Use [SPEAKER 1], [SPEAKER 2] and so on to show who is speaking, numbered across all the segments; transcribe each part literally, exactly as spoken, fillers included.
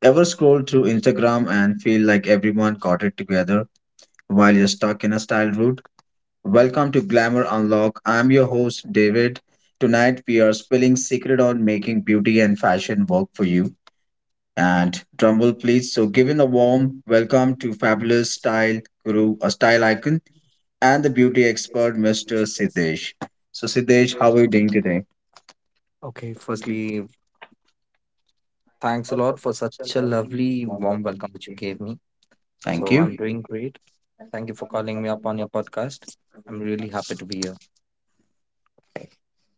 [SPEAKER 1] Ever scroll through Instagram and feel like everyone got it together while you're stuck in a style route? Welcome to Glamour Unlock. I'm your host David. Tonight we are spilling secret on making beauty and fashion work for you. And Trumbull, please. So, giving a warm welcome to fabulous style guru, a style icon, and the beauty expert, mister Siddesh. So, Siddesh, how are you doing today?
[SPEAKER 2] Okay, firstly, thanks a lot for such a lovely, warm welcome which you gave me.
[SPEAKER 1] Thank
[SPEAKER 2] So
[SPEAKER 1] you.
[SPEAKER 2] I'm doing great. Thank you for calling me up on your podcast. I'm really happy to be here.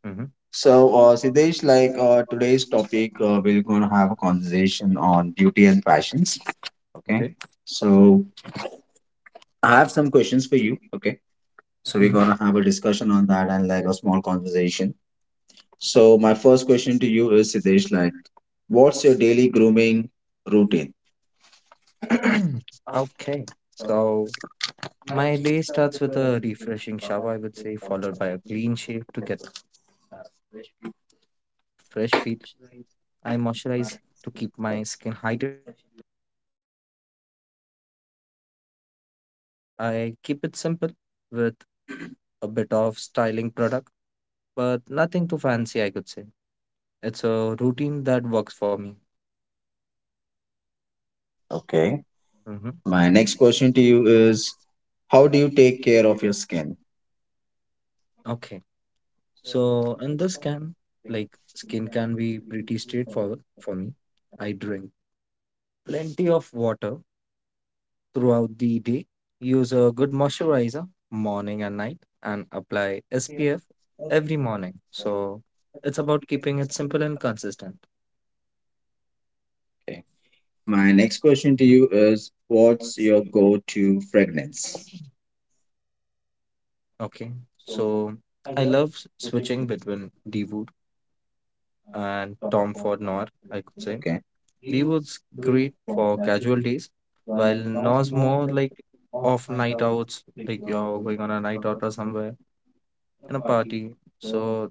[SPEAKER 2] hmm
[SPEAKER 1] So, uh, Siddesh, like uh, today's topic, uh, we're going to have a conversation on beauty and passions. Okay.
[SPEAKER 2] Okay.
[SPEAKER 1] So, I have some questions for you. Okay. So, we're
[SPEAKER 2] hmm
[SPEAKER 1] going to have a discussion on that and like a small conversation. So, my first question to you is, Siddesh, like, what's your daily grooming routine?
[SPEAKER 2] Okay, so my day starts with a refreshing shower, I would say, followed by a clean shave to get a, that fresh feel. I moisturize to keep my skin hydrated, especially after shaving. Have I? So it depends. I keep it simple with a bit of styling product, but nothing too fancy, I could say. It's a routine that works for me.
[SPEAKER 1] Okay.
[SPEAKER 2] hmm
[SPEAKER 1] My next question to you is, how do you take care of your skin?
[SPEAKER 2] Okay. So in this can, like skin can be pretty straightforward for me. I drink plenty of water throughout the day, use a good moisturizer morning and night, and apply S P F every morning. So it's about keeping it simple and consistent.
[SPEAKER 1] Okay. My next question to you is, what's your go to fragrance?
[SPEAKER 2] Okay, so I love s- switching between D Wood and Tom Ford Noir, I could say.
[SPEAKER 1] Okay.
[SPEAKER 2] D Wood's great for casual days, while Noir's more like off night outs, like you're going on a night out or somewhere in a party. So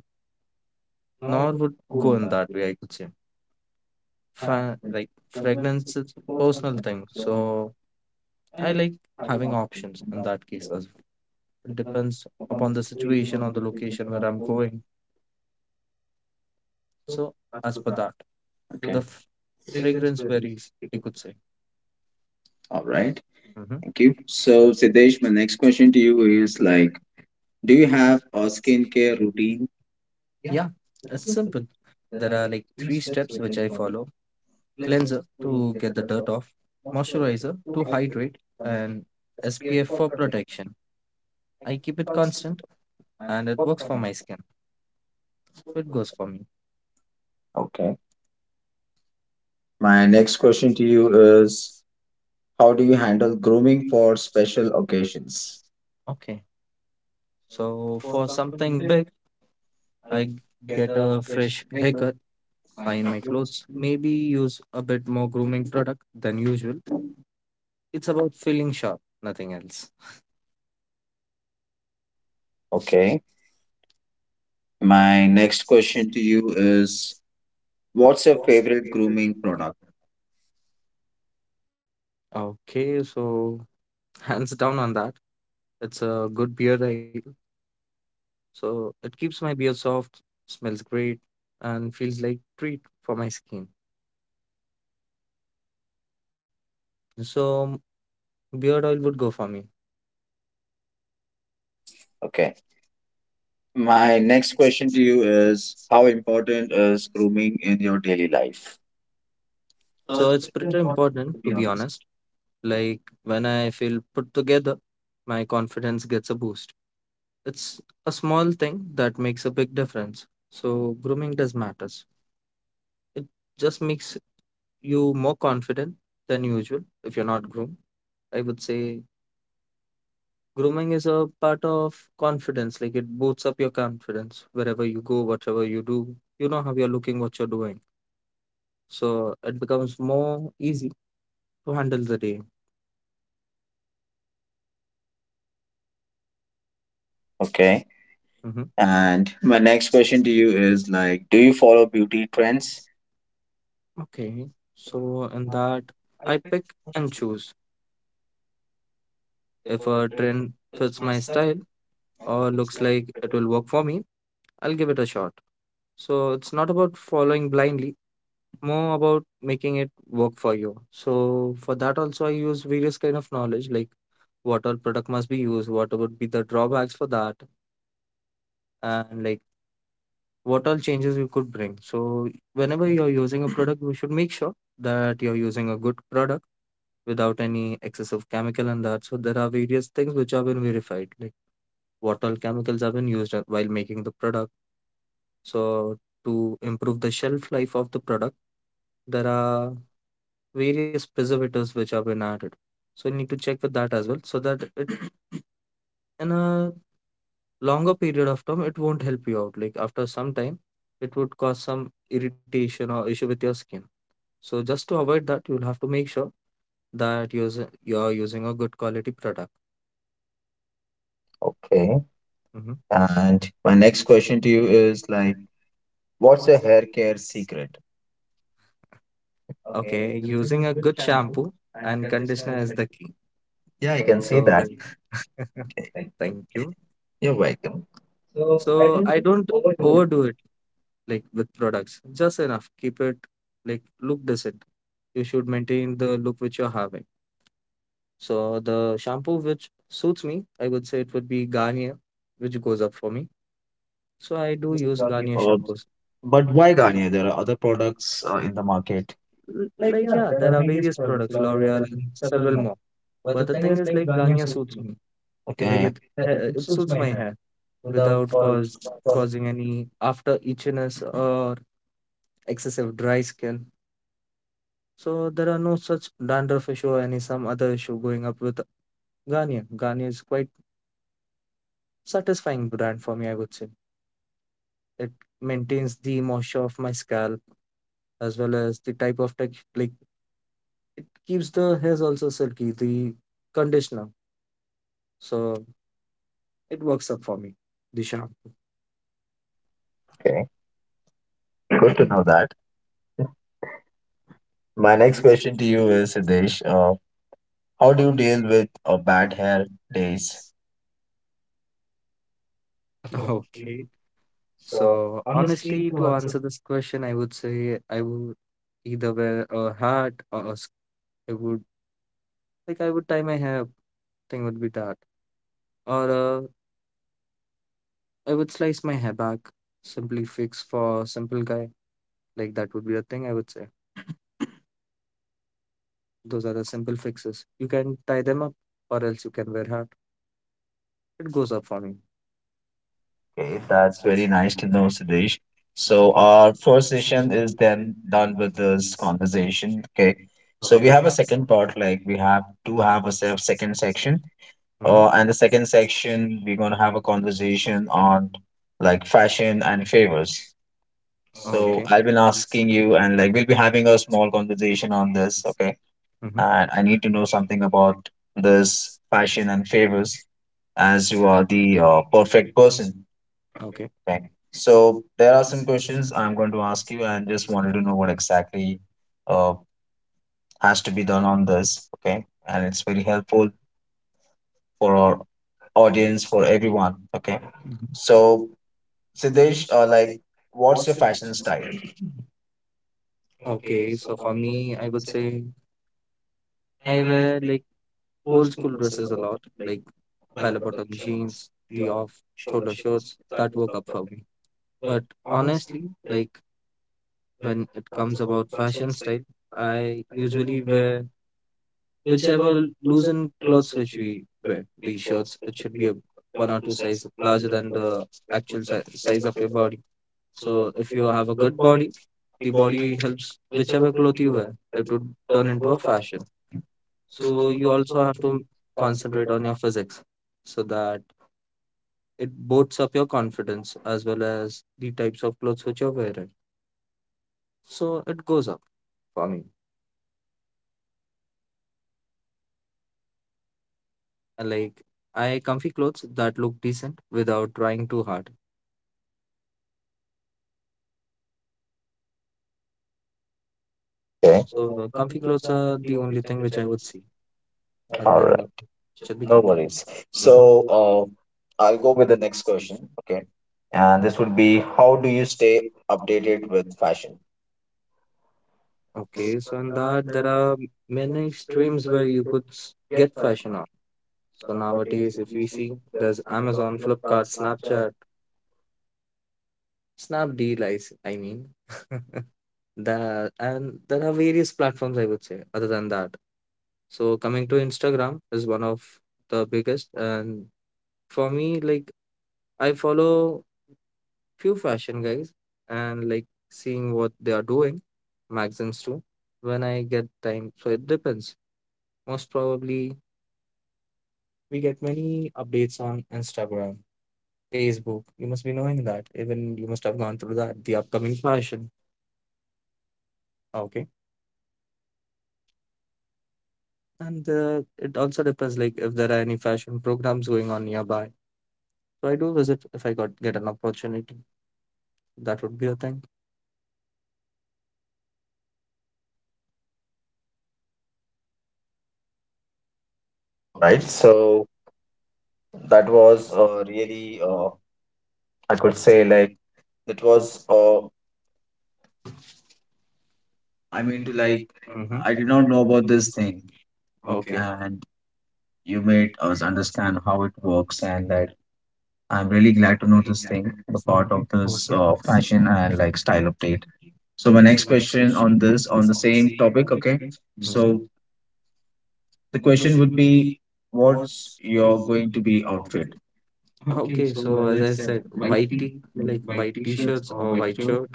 [SPEAKER 2] Noir would go in that way, I could say. Fa like fragrance is personal thing, so I like having options in that case as well. It depends upon the situation or the location where I'm going. So as per that. the
[SPEAKER 1] Okay.
[SPEAKER 2] f- Fragrance varies, you could say.
[SPEAKER 1] All right.
[SPEAKER 2] Hmm
[SPEAKER 1] Thank you. So, Siddesh, my next question to you is like, do you have a skincare routine?
[SPEAKER 2] Yeah, it's simple. There are like three steps which I follow: cleanser to get the dirt off, moisturizer to hydrate, and S P F for protection. I keep it constant and it works for my skin. It goes for me.
[SPEAKER 1] Okay. My next question to you is, how do you handle grooming for special occasions?
[SPEAKER 2] Okay, so for something big, I get a fresh haircut, iron my clothes, maybe use a bit more grooming product than usual. It's about feeling sharp, nothing else.
[SPEAKER 1] Okay. My next question to you is, what's your favorite grooming product?
[SPEAKER 2] Okay, so hands down on that. It's a good beer ale, so it keeps my beer soft, smells great, and feels like treat for my skin. So beard oil would go for me.
[SPEAKER 1] Okay. My next question to you is, how important is grooming in your daily life?
[SPEAKER 2] So it's pretty important to be honest. Like when I feel put together, my confidence gets a boost. It's a small thing that makes a big difference. So grooming does matters. It just makes you more confident than usual if you're not groomed. I would say grooming is a part of confidence, like it boosts up your confidence wherever you go, whatever you do. You know how you're looking, what you're doing. So it becomes more easy to handle the day.
[SPEAKER 1] Okay.
[SPEAKER 2] Hmm
[SPEAKER 1] And my next question to you is like, do you follow beauty trends?
[SPEAKER 2] Okay. So, in that, I pick and choose. If
[SPEAKER 1] Before
[SPEAKER 2] a
[SPEAKER 1] trip
[SPEAKER 2] trend
[SPEAKER 1] it's
[SPEAKER 2] fits my
[SPEAKER 1] myself
[SPEAKER 2] style
[SPEAKER 1] or
[SPEAKER 2] or
[SPEAKER 1] looks
[SPEAKER 2] looks
[SPEAKER 1] like
[SPEAKER 2] like it will work for me, I'll give it a shot. So, it's not about following blindly, more about making it work for you. So for that also I use various kind of knowledge like what all product must be used, what would be the drawbacks for that, and like what all changes you could bring. So whenever you're using a product, you should make sure that you're using a good product without any excessive chemical and that. So there are various things which have been verified, like what all chemicals have been used uh, while making the product. So to improve the shelf life of the product, there are various preservatives which have been added. So you need to check with that as well, so that it in a longer period of time it won't help you out. Like after some time, it would cause some irritation or issue with your skin. So just to avoid that, you'll have to make sure that use you're using a good quality product.
[SPEAKER 1] okay.
[SPEAKER 2] Hmm
[SPEAKER 1] And my next question to you is like, what's your hair care secret?
[SPEAKER 2] Okay, using a good shampoo and conditioner is the key.
[SPEAKER 1] Yeah, I can see
[SPEAKER 2] So
[SPEAKER 1] that.
[SPEAKER 2] thank you.
[SPEAKER 1] You're welcome.
[SPEAKER 2] So I don't overdo like with products, just enough keep it like look decent. You should maintain the look which you're having. So the shampoo which suits me, I would say it would be Garnier, which goes up for me.
[SPEAKER 1] So
[SPEAKER 2] So
[SPEAKER 1] I
[SPEAKER 2] I
[SPEAKER 1] will
[SPEAKER 2] do
[SPEAKER 1] use
[SPEAKER 2] use
[SPEAKER 1] Garnier
[SPEAKER 2] Garnier
[SPEAKER 1] Uh,
[SPEAKER 2] shampoos.
[SPEAKER 1] but why Garnier? There are other products uh, in the market.
[SPEAKER 2] L- like yeah, there are various products, L'Oreal and several more, but the thing is like Garnier suits me. Like
[SPEAKER 1] Okay.
[SPEAKER 2] it ha- it suits my hair without cause causing any after itchiness or excessive dry skin. So there are no such dandruff issue or any some other issue going up with Garnier. Garnier is quite satisfying brand for me, I would say. It maintains the moisture of my scalp as well as the type of tech, like it keeps the hairs also silky, the conditioner. So it works up for me, the shampoo.
[SPEAKER 1] Okay. Good to know that. My next question to you is, Siddesh, uh, how do you deal with uh, bad hair days?
[SPEAKER 2] Okay.
[SPEAKER 1] So
[SPEAKER 2] So honestly, to answer this question, I would say I would either wear a hat or a sc- I would, like, I would tie my hair. Thing would be that. Or uh, I would slice my hair back. Simply fix for simple guy. Like that would be a thing I would say. Those are the simple fixes. You can tie them up or else you can wear hat. It goes up for me.
[SPEAKER 1] okay, that's very nice to know, Sudesh. So
[SPEAKER 2] O-
[SPEAKER 1] our first session is then done with this conversation. Okay. So we
[SPEAKER 2] Okay.
[SPEAKER 1] have a second part, like we have to have a se- second section. Uh,
[SPEAKER 2] Mm-hmm.
[SPEAKER 1] and the second section, we're gonna have a conversation on like fashion and favors. So
[SPEAKER 2] Okay.
[SPEAKER 1] okay. I've been asking you, and like we'll be having a small conversation on this. Okay.
[SPEAKER 2] Mm-hmm.
[SPEAKER 1] And I need to know something about this fashion and favors as you are the uh, perfect person.
[SPEAKER 2] Okay.
[SPEAKER 1] Okay, so there are some questions I'm going to ask you, and just wanted to know what exactly uh, has to be done on this. Okay, and it's very helpful for our audience, for everyone. Okay, so Siddesh, uh, like, what's your fashion style?
[SPEAKER 2] Okay, so for me, I would say I wear like old school dresses a lot, like bell bottom jeans, the off shoulder shorts. That work up for me. But honestly, like when it comes about fashion style. I usually wear whichever loosened clothes which we wear. The shirts, it should be a one or two size larger than the actual si- size of your body. So if you have a good body, the body helps whichever cloth you wear. It would turn into a fashion. So you also have to concentrate on your physics so that it boosts up your confidence as well as the types of clothes which you're wearing. So it goes up for me. Like I comfy clothes that look decent without trying too hard.
[SPEAKER 1] Okay,
[SPEAKER 2] So uh, comfy clothes are the only thing which I would see while
[SPEAKER 1] all
[SPEAKER 2] wearing a
[SPEAKER 1] right,
[SPEAKER 2] should be
[SPEAKER 1] no
[SPEAKER 2] comfortable.
[SPEAKER 1] worries. So
[SPEAKER 2] Mhm.
[SPEAKER 1] uh, I'll go with the next question. Okay, and this would be how do you stay updated with fashion?
[SPEAKER 2] Okay, so in that there are many streams where you could s- get fashion on. So nowadays, if we see, there's Amazon, Flipkart, Snapchat, Snapdeal, I, s- I mean, that and there are various platforms I would say other than that. So coming to Instagram is one of the biggest, and for me, like I follow few fashion guys and like seeing what they are doing, magazines too, when I get time. So it depends. Most probably we get many updates on Instagram, Facebook. You must be knowing that. Even you must have gone through that, the upcoming fashion. Okay. And uh, it also depends like if there are any fashion programs going on nearby. So I do visit if I got get an opportunity. That would be a thing.
[SPEAKER 1] All right, so that was uh, really uh, I could say like That was, uh, I mean, to like,
[SPEAKER 2] Mm-hmm.
[SPEAKER 1] I did not know about this thing. Okay.
[SPEAKER 2] Okay.
[SPEAKER 1] And you made us understand how it works, and that I'm really glad to know this thing, the part of
[SPEAKER 2] Okay.
[SPEAKER 1] this uh, fashion and like style update. So, my next question on this, on the same topic, okay? Mhm. So,
[SPEAKER 2] Mhm.
[SPEAKER 1] the question would be, what's your going to be outfit?
[SPEAKER 2] ah,
[SPEAKER 1] Okay,
[SPEAKER 2] Okay,
[SPEAKER 1] so
[SPEAKER 2] so
[SPEAKER 1] as
[SPEAKER 2] as
[SPEAKER 1] I
[SPEAKER 2] I
[SPEAKER 1] said,
[SPEAKER 2] said,
[SPEAKER 1] white
[SPEAKER 2] white
[SPEAKER 1] tee,
[SPEAKER 2] tee,
[SPEAKER 1] like
[SPEAKER 2] like
[SPEAKER 1] white
[SPEAKER 2] white
[SPEAKER 1] t-shirts
[SPEAKER 2] t-shirts
[SPEAKER 1] or
[SPEAKER 2] or
[SPEAKER 1] white
[SPEAKER 2] white
[SPEAKER 1] shirt,
[SPEAKER 2] shirt,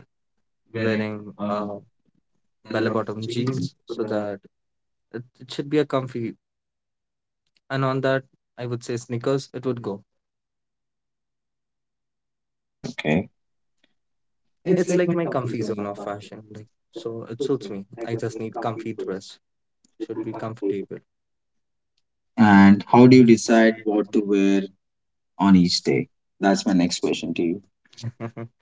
[SPEAKER 1] wearing
[SPEAKER 2] wearing
[SPEAKER 1] um,
[SPEAKER 2] uh
[SPEAKER 1] a lot of-
[SPEAKER 2] bell-bottom jeans, so that it, it should be a comfy. And on that, I would say sneakers, it would go.
[SPEAKER 1] okay. It's
[SPEAKER 2] It's
[SPEAKER 1] like
[SPEAKER 2] like my comfy zone of fashion, like so it suits me. I just need comfy dress. Should be comfortable.
[SPEAKER 1] and how do you decide what to wear on each day? That's my next question to you.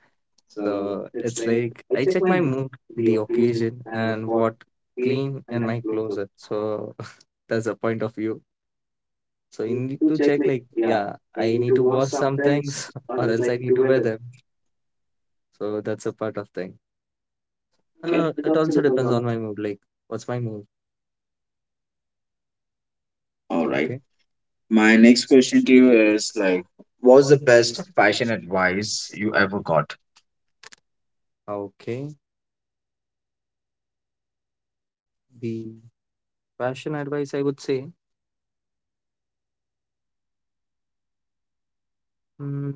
[SPEAKER 2] So it's like I check my mood, the occasion, and what clean in my closet. So that's a point of view. So you need to check like, yeah, I need to wash some things or else I need to wear them. So that's a part of thing. And uh, it also depends on my mood. Like, what's my mood?
[SPEAKER 1] All right.
[SPEAKER 2] Okay.
[SPEAKER 1] My next question to you is like, what's the best fashion advice you ever got?
[SPEAKER 2] Okay. The fashion advice I would say, mm,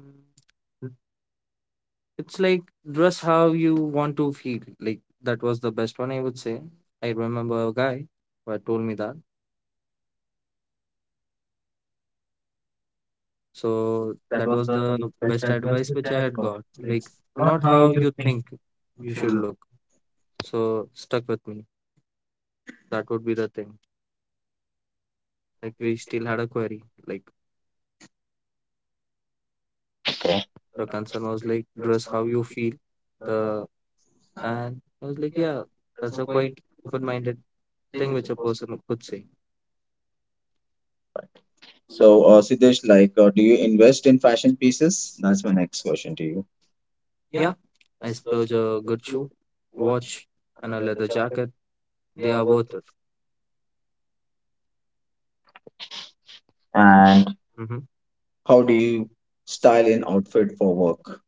[SPEAKER 2] it's like dress how you want to feel. Like that was the best one I would say. I remember a guy who told me that. So that was the best advice which I had got. Like not how you think you should look. So stuck with me. That would be the thing. Like we still had a query. Like the concern was like, dress how you feel. The and I was like, yeah, that's a quite open-minded thing which a person could say.
[SPEAKER 1] So, uh, Siddesh, like, uh, do you invest in fashion pieces? That's my next question to you.
[SPEAKER 2] Yeah, I splurge a good shoe, watch, and a leather jacket. They are worth it.
[SPEAKER 1] And
[SPEAKER 2] Hmm
[SPEAKER 1] how do you style an outfit for work?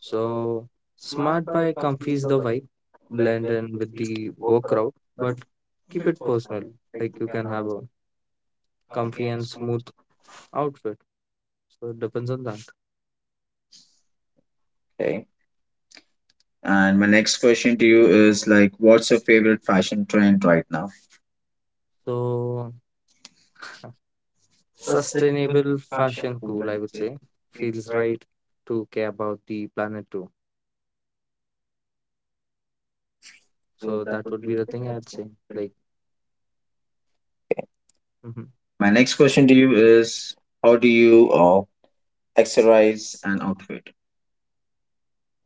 [SPEAKER 2] So smart buy comfies the vibe, blend in with the work crowd, but keep it personal. Like you can have a comfy and smooth outfit. So it depends on that.
[SPEAKER 1] Okay. And my next question to you is like, what's your favorite fashion trend right now?
[SPEAKER 2] So sustainable fashion cool, I would say. Feels right to care about the planet too. So that would be the thing I'd say. Like, mhm.
[SPEAKER 1] My next question to you is, how do you uh, accessorize an outfit?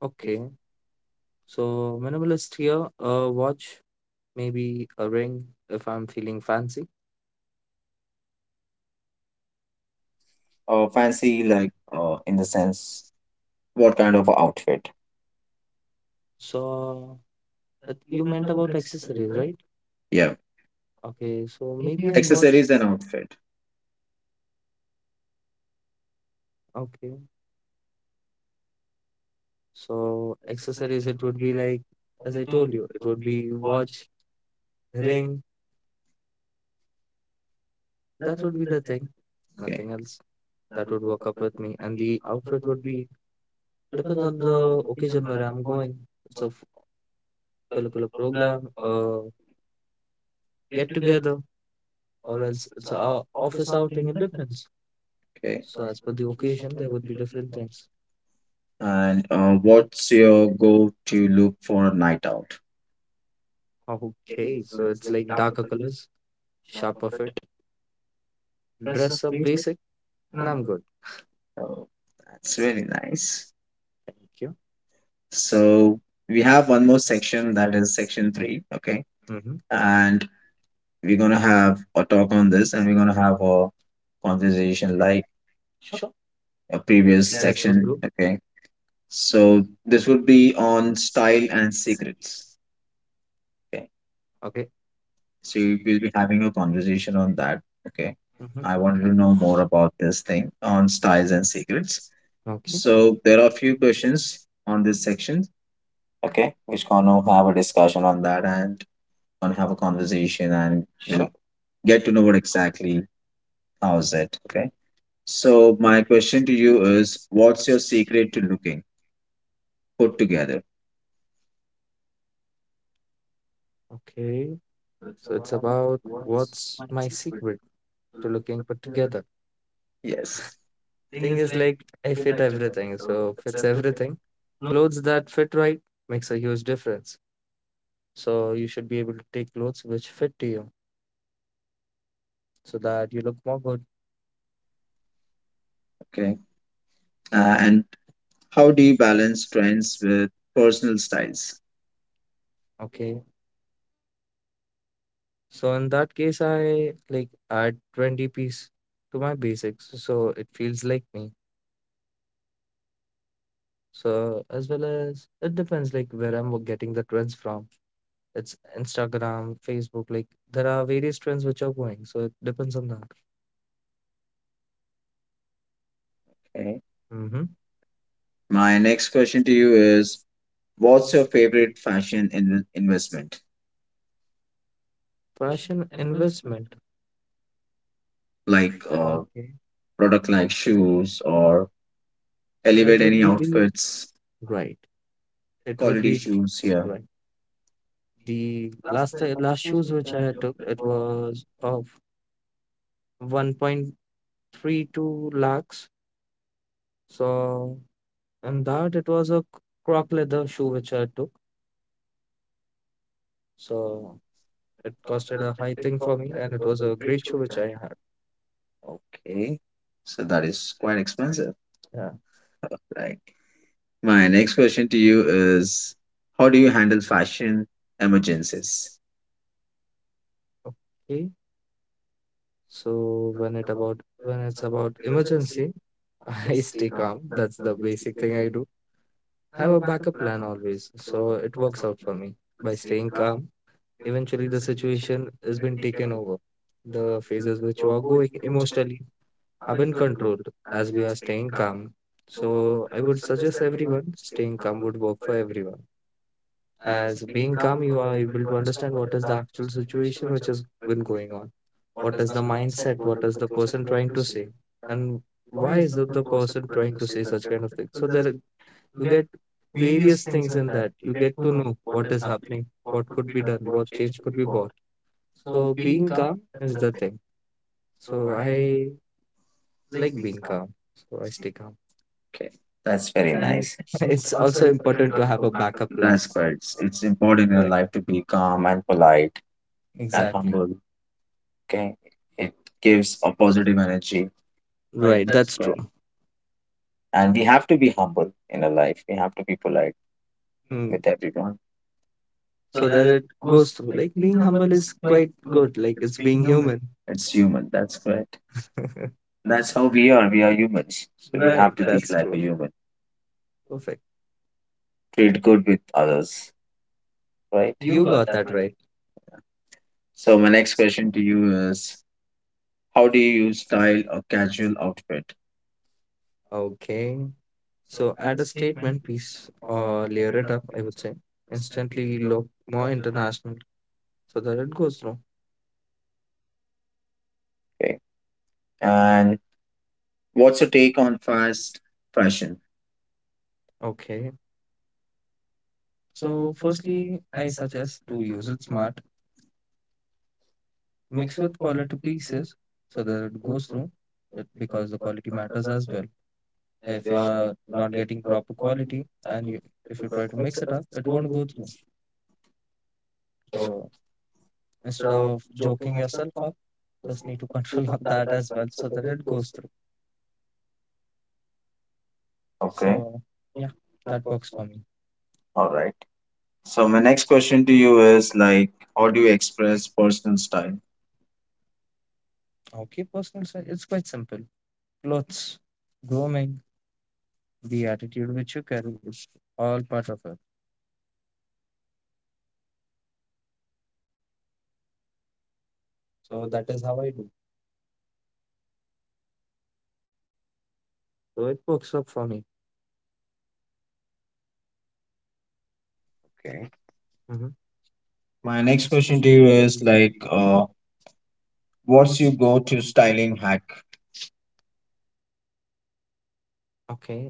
[SPEAKER 2] Okay, so minimalist here, a watch, maybe a ring if I'm feeling fancy.
[SPEAKER 1] Uh, fancy, like, uh, in the sense, what kind of outfit?
[SPEAKER 2] So uh, you meant about accessories, right?
[SPEAKER 1] Yeah.
[SPEAKER 2] Okay, so maybe an watch.
[SPEAKER 1] Accessories and outfit.
[SPEAKER 2] Okay, so accessories, it would be like, as I told you, it would be watch, ring, that would be the thing,
[SPEAKER 1] Okay.
[SPEAKER 2] nothing else. That would work up with me, and the outfit would be depends on the occasion where I'm going. It's a f- curricular program, uh, get together, or else it's a o- office outing. It depends.
[SPEAKER 1] Okay.
[SPEAKER 2] So as per the occasion, there would be different things.
[SPEAKER 1] And uh,
[SPEAKER 2] Mhm.
[SPEAKER 1] what's your go to look for a night out?
[SPEAKER 2] Okay, so it's like darker colors, sharper fit, dress up basic, and I'm good.
[SPEAKER 1] Oh, that's really nice.
[SPEAKER 2] Thank you.
[SPEAKER 1] So we have one more section that is section three. Okay.
[SPEAKER 2] Mm-hmm.
[SPEAKER 1] And we're going to have a talk on this and we're going to have a conversation like
[SPEAKER 2] Sure,
[SPEAKER 1] a previous
[SPEAKER 2] that would
[SPEAKER 1] section.
[SPEAKER 2] do.
[SPEAKER 1] Okay. So this would be on style and secrets. Okay.
[SPEAKER 2] Okay.
[SPEAKER 1] So we'll be having a conversation on that. Okay.
[SPEAKER 2] Mm-hmm.
[SPEAKER 1] I wanted to know more about this thing on styles and secrets.
[SPEAKER 2] Okay.
[SPEAKER 1] So there are a few questions on this section. Okay, which gonna have a discussion on that and gonna have a conversation and
[SPEAKER 2] Sure.
[SPEAKER 1] we'll get to know what exactly how is it. Okay. So my question to you is, what's your secret to looking put together?
[SPEAKER 2] Okay. So it's about what's my secret to looking put together.
[SPEAKER 1] Yes.
[SPEAKER 2] Thing is like I fit everything, so fits everything. Clothes that fit right makes a huge difference. So you should be able to take clothes which fit to you so that you look more good.
[SPEAKER 1] Okay. Uh, and how do you balance trends with personal styles?
[SPEAKER 2] Okay. So in that case I like add twenty piece to my basics so it feels like me. So as well as it depends like where I'm getting the trends from. It's Instagram, Facebook. Like there are various trends which are going, so it depends on that.
[SPEAKER 1] Okay.
[SPEAKER 2] Hmm.
[SPEAKER 1] My next question to you is, what's your favorite fashion in- investment?
[SPEAKER 2] Fashion investment.
[SPEAKER 1] Like uh,
[SPEAKER 2] Okay.
[SPEAKER 1] product like shoes or
[SPEAKER 2] So it
[SPEAKER 1] elevate
[SPEAKER 2] would
[SPEAKER 1] any
[SPEAKER 2] be the
[SPEAKER 1] outfits,
[SPEAKER 2] right. It would
[SPEAKER 1] quality
[SPEAKER 2] be
[SPEAKER 1] shoes here.
[SPEAKER 2] right. The last uh, last shoes which I took, it was of one point three two lakhs. So and that it was a croc leather shoe which I took. So it costed a high thing for me, and it was a great shoe which I had.
[SPEAKER 1] Okay. So that is quite expensive.
[SPEAKER 2] Yeah.
[SPEAKER 1] Right. My next question to you is how do you handle fashion emergencies?
[SPEAKER 2] Okay. So when it about when it's about emergency, I stay calm. That's the basic thing I do. Have a backup plan always. So it works out for me. By staying calm, eventually the situation has been taken over. The phases which you are going emotionally have been controlled as we are staying calm. So I would suggest everyone staying calm would work for everyone. As being calm, you are able to understand what is the actual situation which has been going on. What is the mindset? What is the person trying to say? And why is it the person trying to say such kind of thing? So there are- you get various things in that. You get to know what is happening, what could be done, what change could be brought. So being calm is the thing. So I like being calm. So I stay calm.
[SPEAKER 1] Okay. That's very
[SPEAKER 2] And
[SPEAKER 1] nice.
[SPEAKER 2] it's also important to have a backup plan.
[SPEAKER 1] That's quite it's, it's important in
[SPEAKER 2] Right.
[SPEAKER 1] life to be calm and polite and exactly
[SPEAKER 2] Exactly.
[SPEAKER 1] humble. Okay. It gives a positive energy. Right.
[SPEAKER 2] Right. That's
[SPEAKER 1] That's
[SPEAKER 2] true.
[SPEAKER 1] yeah. And we have to be humble in our life. We have to be polite mm
[SPEAKER 2] Hmm.
[SPEAKER 1] with everyone.
[SPEAKER 2] So that it goes through. Like being humble is quite good. Like it's being human.
[SPEAKER 1] It's human. That's correct. That's how we are. We are humans. So we
[SPEAKER 2] Right.
[SPEAKER 1] have to be
[SPEAKER 2] That's
[SPEAKER 1] like
[SPEAKER 2] true.
[SPEAKER 1] a human.
[SPEAKER 2] Perfect.
[SPEAKER 1] Treat good with others, right?
[SPEAKER 2] You got that right.
[SPEAKER 1] So my next question to you is how do you style a casual outfit?
[SPEAKER 2] Okay. So add a statement piece or layer it up, I would say. Instantly look more international so that it goes through.
[SPEAKER 1] Okay. And what's your take on fast fashion?
[SPEAKER 2] Okay. So firstly, I suggest to use it smart, mix with quality pieces so that it goes through it because the quality matters as well. If you are not getting proper quality and you, if you try to mix it up, it won't go through, so instead of joking yourself up, just need to control on that as well so that it goes through.
[SPEAKER 1] Okay.
[SPEAKER 2] So yeah, that works for me.
[SPEAKER 1] All right. So my next question to you is like how do you express personal style?
[SPEAKER 2] Okay, personal style, it's quite simple. Clothes, grooming, the attitude which you carry, it's all part of it. So that is how I do. So it works up for me.
[SPEAKER 1] Okay.
[SPEAKER 2] Hmm.
[SPEAKER 1] My next question to you is like uh what's your go-to styling hack?
[SPEAKER 2] Okay,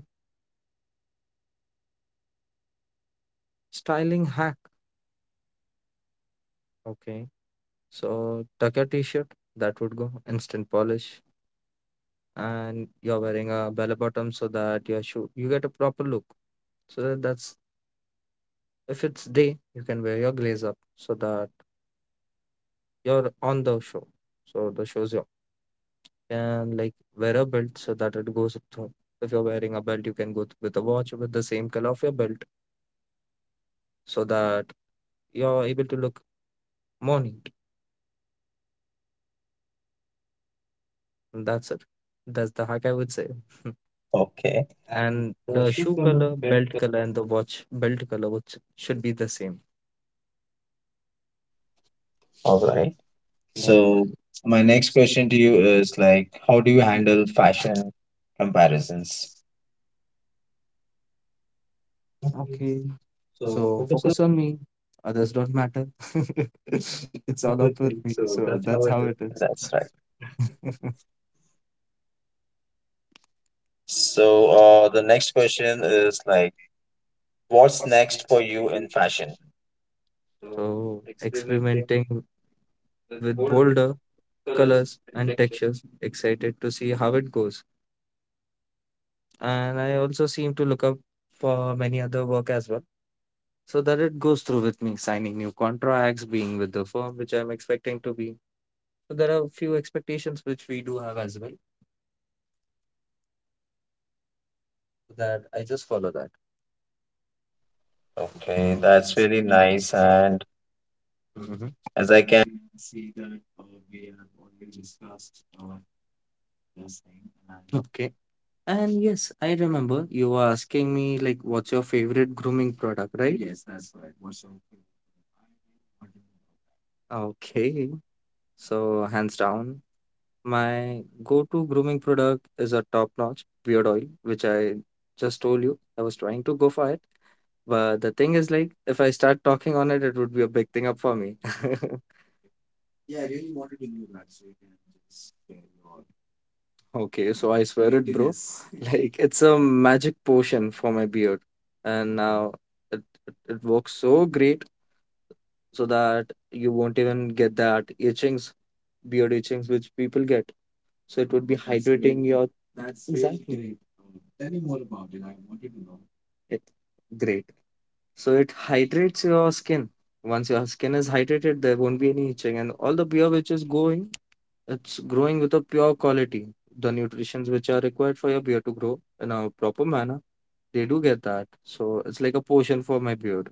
[SPEAKER 2] styling hack. Okay, so tuck your t-shirt, that would go instant polish, and you're wearing a bell bottom so that your shoe you get a proper look. So that's if it's day, you can wear your glaze up so that you're on the show. So the shows you can like wear a belt so that it goes up to. If you're wearing a belt, you can go with a watch with the same color of your belt so that you're able to look more neat. And that's it. That's the hack I would say.
[SPEAKER 1] Okay.
[SPEAKER 2] And the shoe color, belt color, and the watch belt color which should be the same.
[SPEAKER 1] All right.
[SPEAKER 2] Okay.
[SPEAKER 1] So my next question to you is like, how do you handle fashion comparisons?
[SPEAKER 2] Okay. So focus on me. Others don't matter. It's all up with me. So that's how it is.
[SPEAKER 1] That's right. So uh, the next question is like, what's next for you in fashion?
[SPEAKER 2] So experimenting with bolder colors and textures. Excited to see how it goes. And I also seem to look up for many other work as well. So that it goes through with me signing new contracts, being with the firm which I'm expecting to be. So there are a few expectations which we do have as well that I just follow that.
[SPEAKER 1] Okay, that's really nice. And
[SPEAKER 2] Mm-hmm.
[SPEAKER 1] as I can,
[SPEAKER 2] Yes, I- I- okay. And yes, I remember you were asking me like what's your favorite grooming product, right? Okay. So hands down, my go-to grooming product is a top-notch beard oil, which I just told you I was trying to go for it. But the thing is like if I start talking on it, it would be a big thing up for me. Okay, so I swear it, bro. Like it's a magic potion for my beard. And now it, it, it works so great so that you won't even get that itchings, beard itchings, which people get. So it would be hydrating your really exactly. It, great. So it hydrates your skin. Once your skin is hydrated, there won't be any itching, and all the beer which is going, it's growing with a pure quality. The nutrients which are required for your beard to grow in a proper manner, they do get that. So it's like a potion for my beard,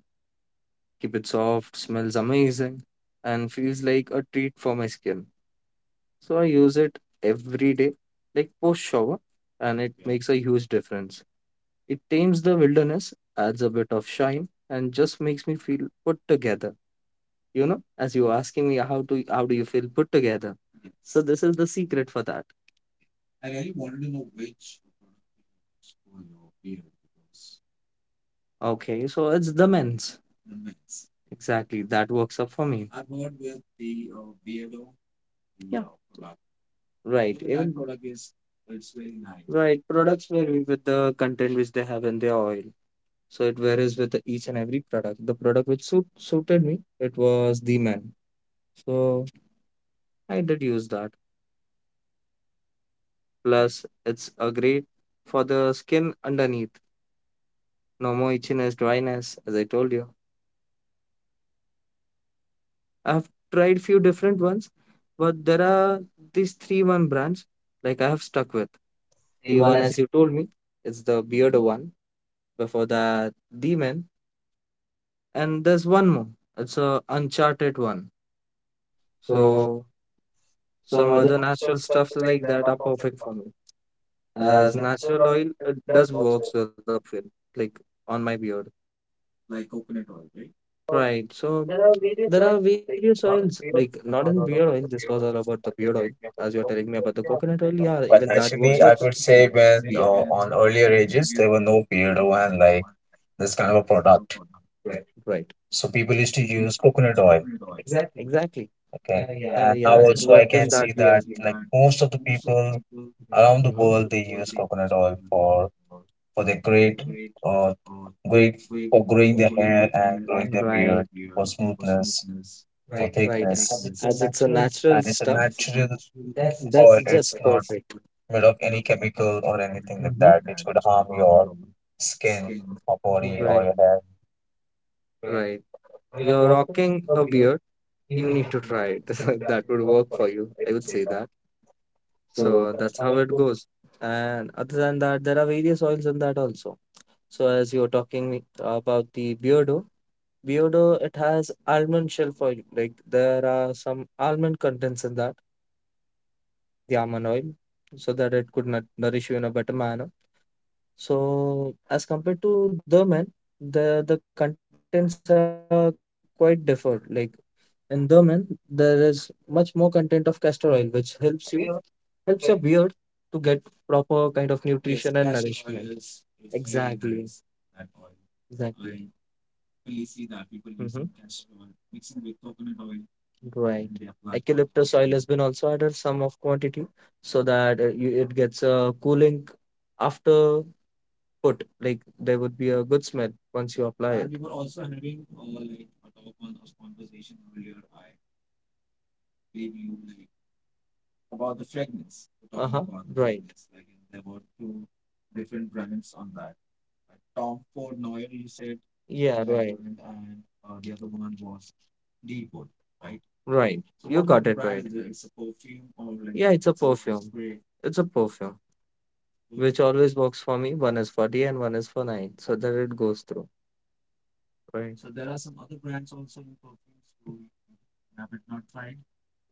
[SPEAKER 2] like keep it soft, smells amazing, and feels like a treat for my skin. So I use it every day, like post shower, and it makes a huge difference. It tames the wilderness, adds a bit of shine, and just makes me feel put together. You know, as you were asking me how to how do you feel put together? So this is the secret for that. Okay, so it's the men's. Exactly, that works up for me. Yeah. Right. Even right, products vary with the content which they have in their oil, so it varies with the each and every product. The product which suit, suited me, it was the man, so I did use that. Plus it's a great for the skin underneath, no more itchiness, dryness, as I told you. I have tried few different ones, but there are these three one brands like I have stuck with. The one as you told me, it's the beard one, before that the man. And there's one more. It's a Uncharted one. So some other natural stuffs like that are perfect for me. As natural oil, it does works with the film, like on my beard. Right. So there are various oils, like not in beard oil. This was all about the beard oil, as you're telling me about the coconut oil. Yeah, even
[SPEAKER 1] but
[SPEAKER 2] that works with
[SPEAKER 1] actually,
[SPEAKER 2] the
[SPEAKER 1] I could say
[SPEAKER 2] beer.
[SPEAKER 1] when uh, on
[SPEAKER 2] Mhm.
[SPEAKER 1] earlier ages there were no beardo and like this kind of a product. Right.
[SPEAKER 2] Right.
[SPEAKER 1] So people used to use coconut oil
[SPEAKER 2] Exactly.
[SPEAKER 1] okay.
[SPEAKER 2] Uh,
[SPEAKER 1] Yeah. And
[SPEAKER 2] yeah,
[SPEAKER 1] now
[SPEAKER 2] it
[SPEAKER 1] also I
[SPEAKER 2] worked in
[SPEAKER 1] can
[SPEAKER 2] that
[SPEAKER 1] see
[SPEAKER 2] way as
[SPEAKER 1] that like
[SPEAKER 2] well.
[SPEAKER 1] most of the people around the world they use coconut oil for for their great uh great for growing their hair and
[SPEAKER 2] Mhm.
[SPEAKER 1] growing their
[SPEAKER 2] Right.
[SPEAKER 1] beard for smoothness, for right,
[SPEAKER 2] Right?
[SPEAKER 1] thickness. And it's a
[SPEAKER 2] As it's a
[SPEAKER 1] natural
[SPEAKER 2] natural
[SPEAKER 1] And it's a
[SPEAKER 2] stuff,
[SPEAKER 1] natural that's just
[SPEAKER 2] that's
[SPEAKER 1] oil,
[SPEAKER 2] just
[SPEAKER 1] it's perfect. Not
[SPEAKER 2] perfect.
[SPEAKER 1] made of any chemical or anything like
[SPEAKER 2] Hmm.
[SPEAKER 1] that, which could harm your skin or body, right, or
[SPEAKER 2] Right,
[SPEAKER 1] your hair. Right.
[SPEAKER 2] right.
[SPEAKER 1] We are
[SPEAKER 2] You're
[SPEAKER 1] not going
[SPEAKER 2] rocking
[SPEAKER 1] to
[SPEAKER 2] a
[SPEAKER 1] be here.
[SPEAKER 2] beard,
[SPEAKER 1] You
[SPEAKER 2] you
[SPEAKER 1] need
[SPEAKER 2] need
[SPEAKER 1] to
[SPEAKER 2] to
[SPEAKER 1] do it.
[SPEAKER 2] try it.
[SPEAKER 1] It's going
[SPEAKER 2] That
[SPEAKER 1] to
[SPEAKER 2] would
[SPEAKER 1] work
[SPEAKER 2] work
[SPEAKER 1] for
[SPEAKER 2] for
[SPEAKER 1] you.
[SPEAKER 2] you. I
[SPEAKER 1] Let's
[SPEAKER 2] would
[SPEAKER 1] say
[SPEAKER 2] say
[SPEAKER 1] that.
[SPEAKER 2] that.
[SPEAKER 1] So
[SPEAKER 2] So
[SPEAKER 1] that's
[SPEAKER 2] that's
[SPEAKER 1] how
[SPEAKER 2] how
[SPEAKER 1] I
[SPEAKER 2] it
[SPEAKER 1] go.
[SPEAKER 2] goes. And other than that, there are various oils in that also. So as you're talking about the Beardo, Beardo, it has almond shelf oil. Like there are some almond contents in that. The almond oil so that it could nu- nourish you in a better manner. So as compared to the men, the the contents are quite different. Like in the men, there is much more content of castor oil, which helps you helps your beard to get proper kind of yes, nutrition and nourishment. Oil exactly, exactly. Right. Has been also added some of quantity so that uh, you, it gets a cooling after put. Like there would be a good smell once you apply. Uh-huh, yeah, right. it's It's a perfume, which always works for me. One is for day and one is for night, so that it goes through. Right.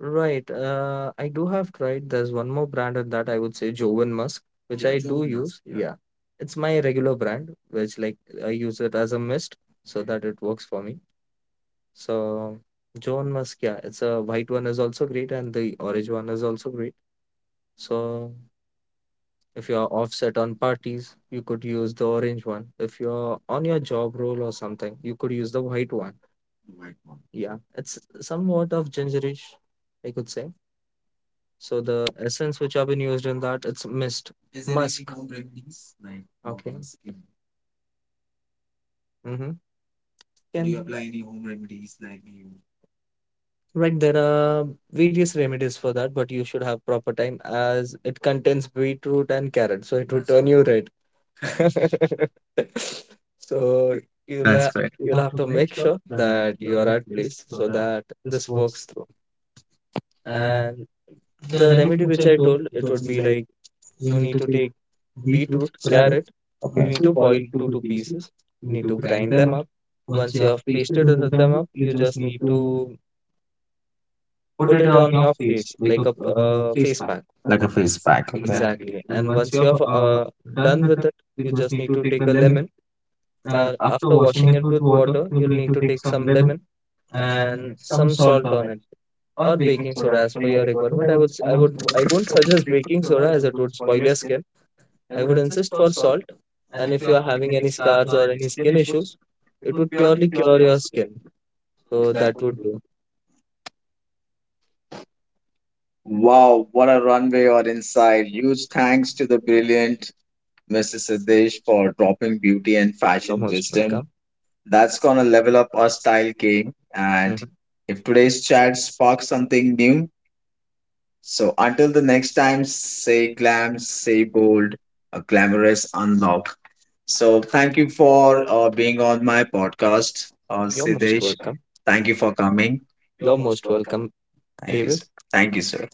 [SPEAKER 2] Who right. Uh, I do have tried. There's one more brand on that I would say Jovan Musk, which I do use. Yeah. It's my regular brand, which like I use it as a mist so that it works for me. So Jovan Musk, yeah, it's a white one is also great and the orange one is also great. So if you are offset on parties, you could use the orange one. If you are on your job role or something, you could use the white one. Yeah, it's somewhat of gingerish, I could say. So the essence which have been used in that, it's mist. Musk. Any. Okay. Mm-hmm. Can right, there are various remedies for that, but you should have proper time as it contains beetroot and carrot, so it will turn you red. So you'll
[SPEAKER 1] That's
[SPEAKER 2] ha-
[SPEAKER 1] great.
[SPEAKER 2] you'll have to make sure that you are at place so that this works through. And the remedy which I told, it would be like you need to take beetroot, carrot, you need to boil two two pieces, you need to grind them up. Once you have pasted th- them up, you just need to put it on your face like a p- uh, face pack
[SPEAKER 1] Like a face pack. Okay.
[SPEAKER 2] exactly. And once you have uh, done with it, you just need to take a lemon. Uh, after washing it with water, you'll need to take some lemon and some salt on it or baking soda as per your requirement. I would s- I would, I won't suggest baking soda as it would spoil your skin. I would insist for salt, and if you are having any scars or any skin issues, it would purely cure your skin. So that would do.
[SPEAKER 1] Wow, what a runway or insight. Huge thanks to the brilliant missus Siddesh for dropping beauty and
[SPEAKER 2] You're
[SPEAKER 1] fashion
[SPEAKER 2] most
[SPEAKER 1] wisdom.
[SPEAKER 2] welcome.
[SPEAKER 1] That's going to level up our style game. And
[SPEAKER 2] Mhm.
[SPEAKER 1] if today's chat sparks something new, so until the next time, say glam, say bold, a glamorous unlock. So thank you for uh, being on my podcast, uh,
[SPEAKER 2] You're most
[SPEAKER 1] Siddesh.
[SPEAKER 2] welcome.
[SPEAKER 1] Thank you for coming.
[SPEAKER 2] You're most welcome,
[SPEAKER 1] Thank you.
[SPEAKER 2] David.
[SPEAKER 1] S- Thank you, sir.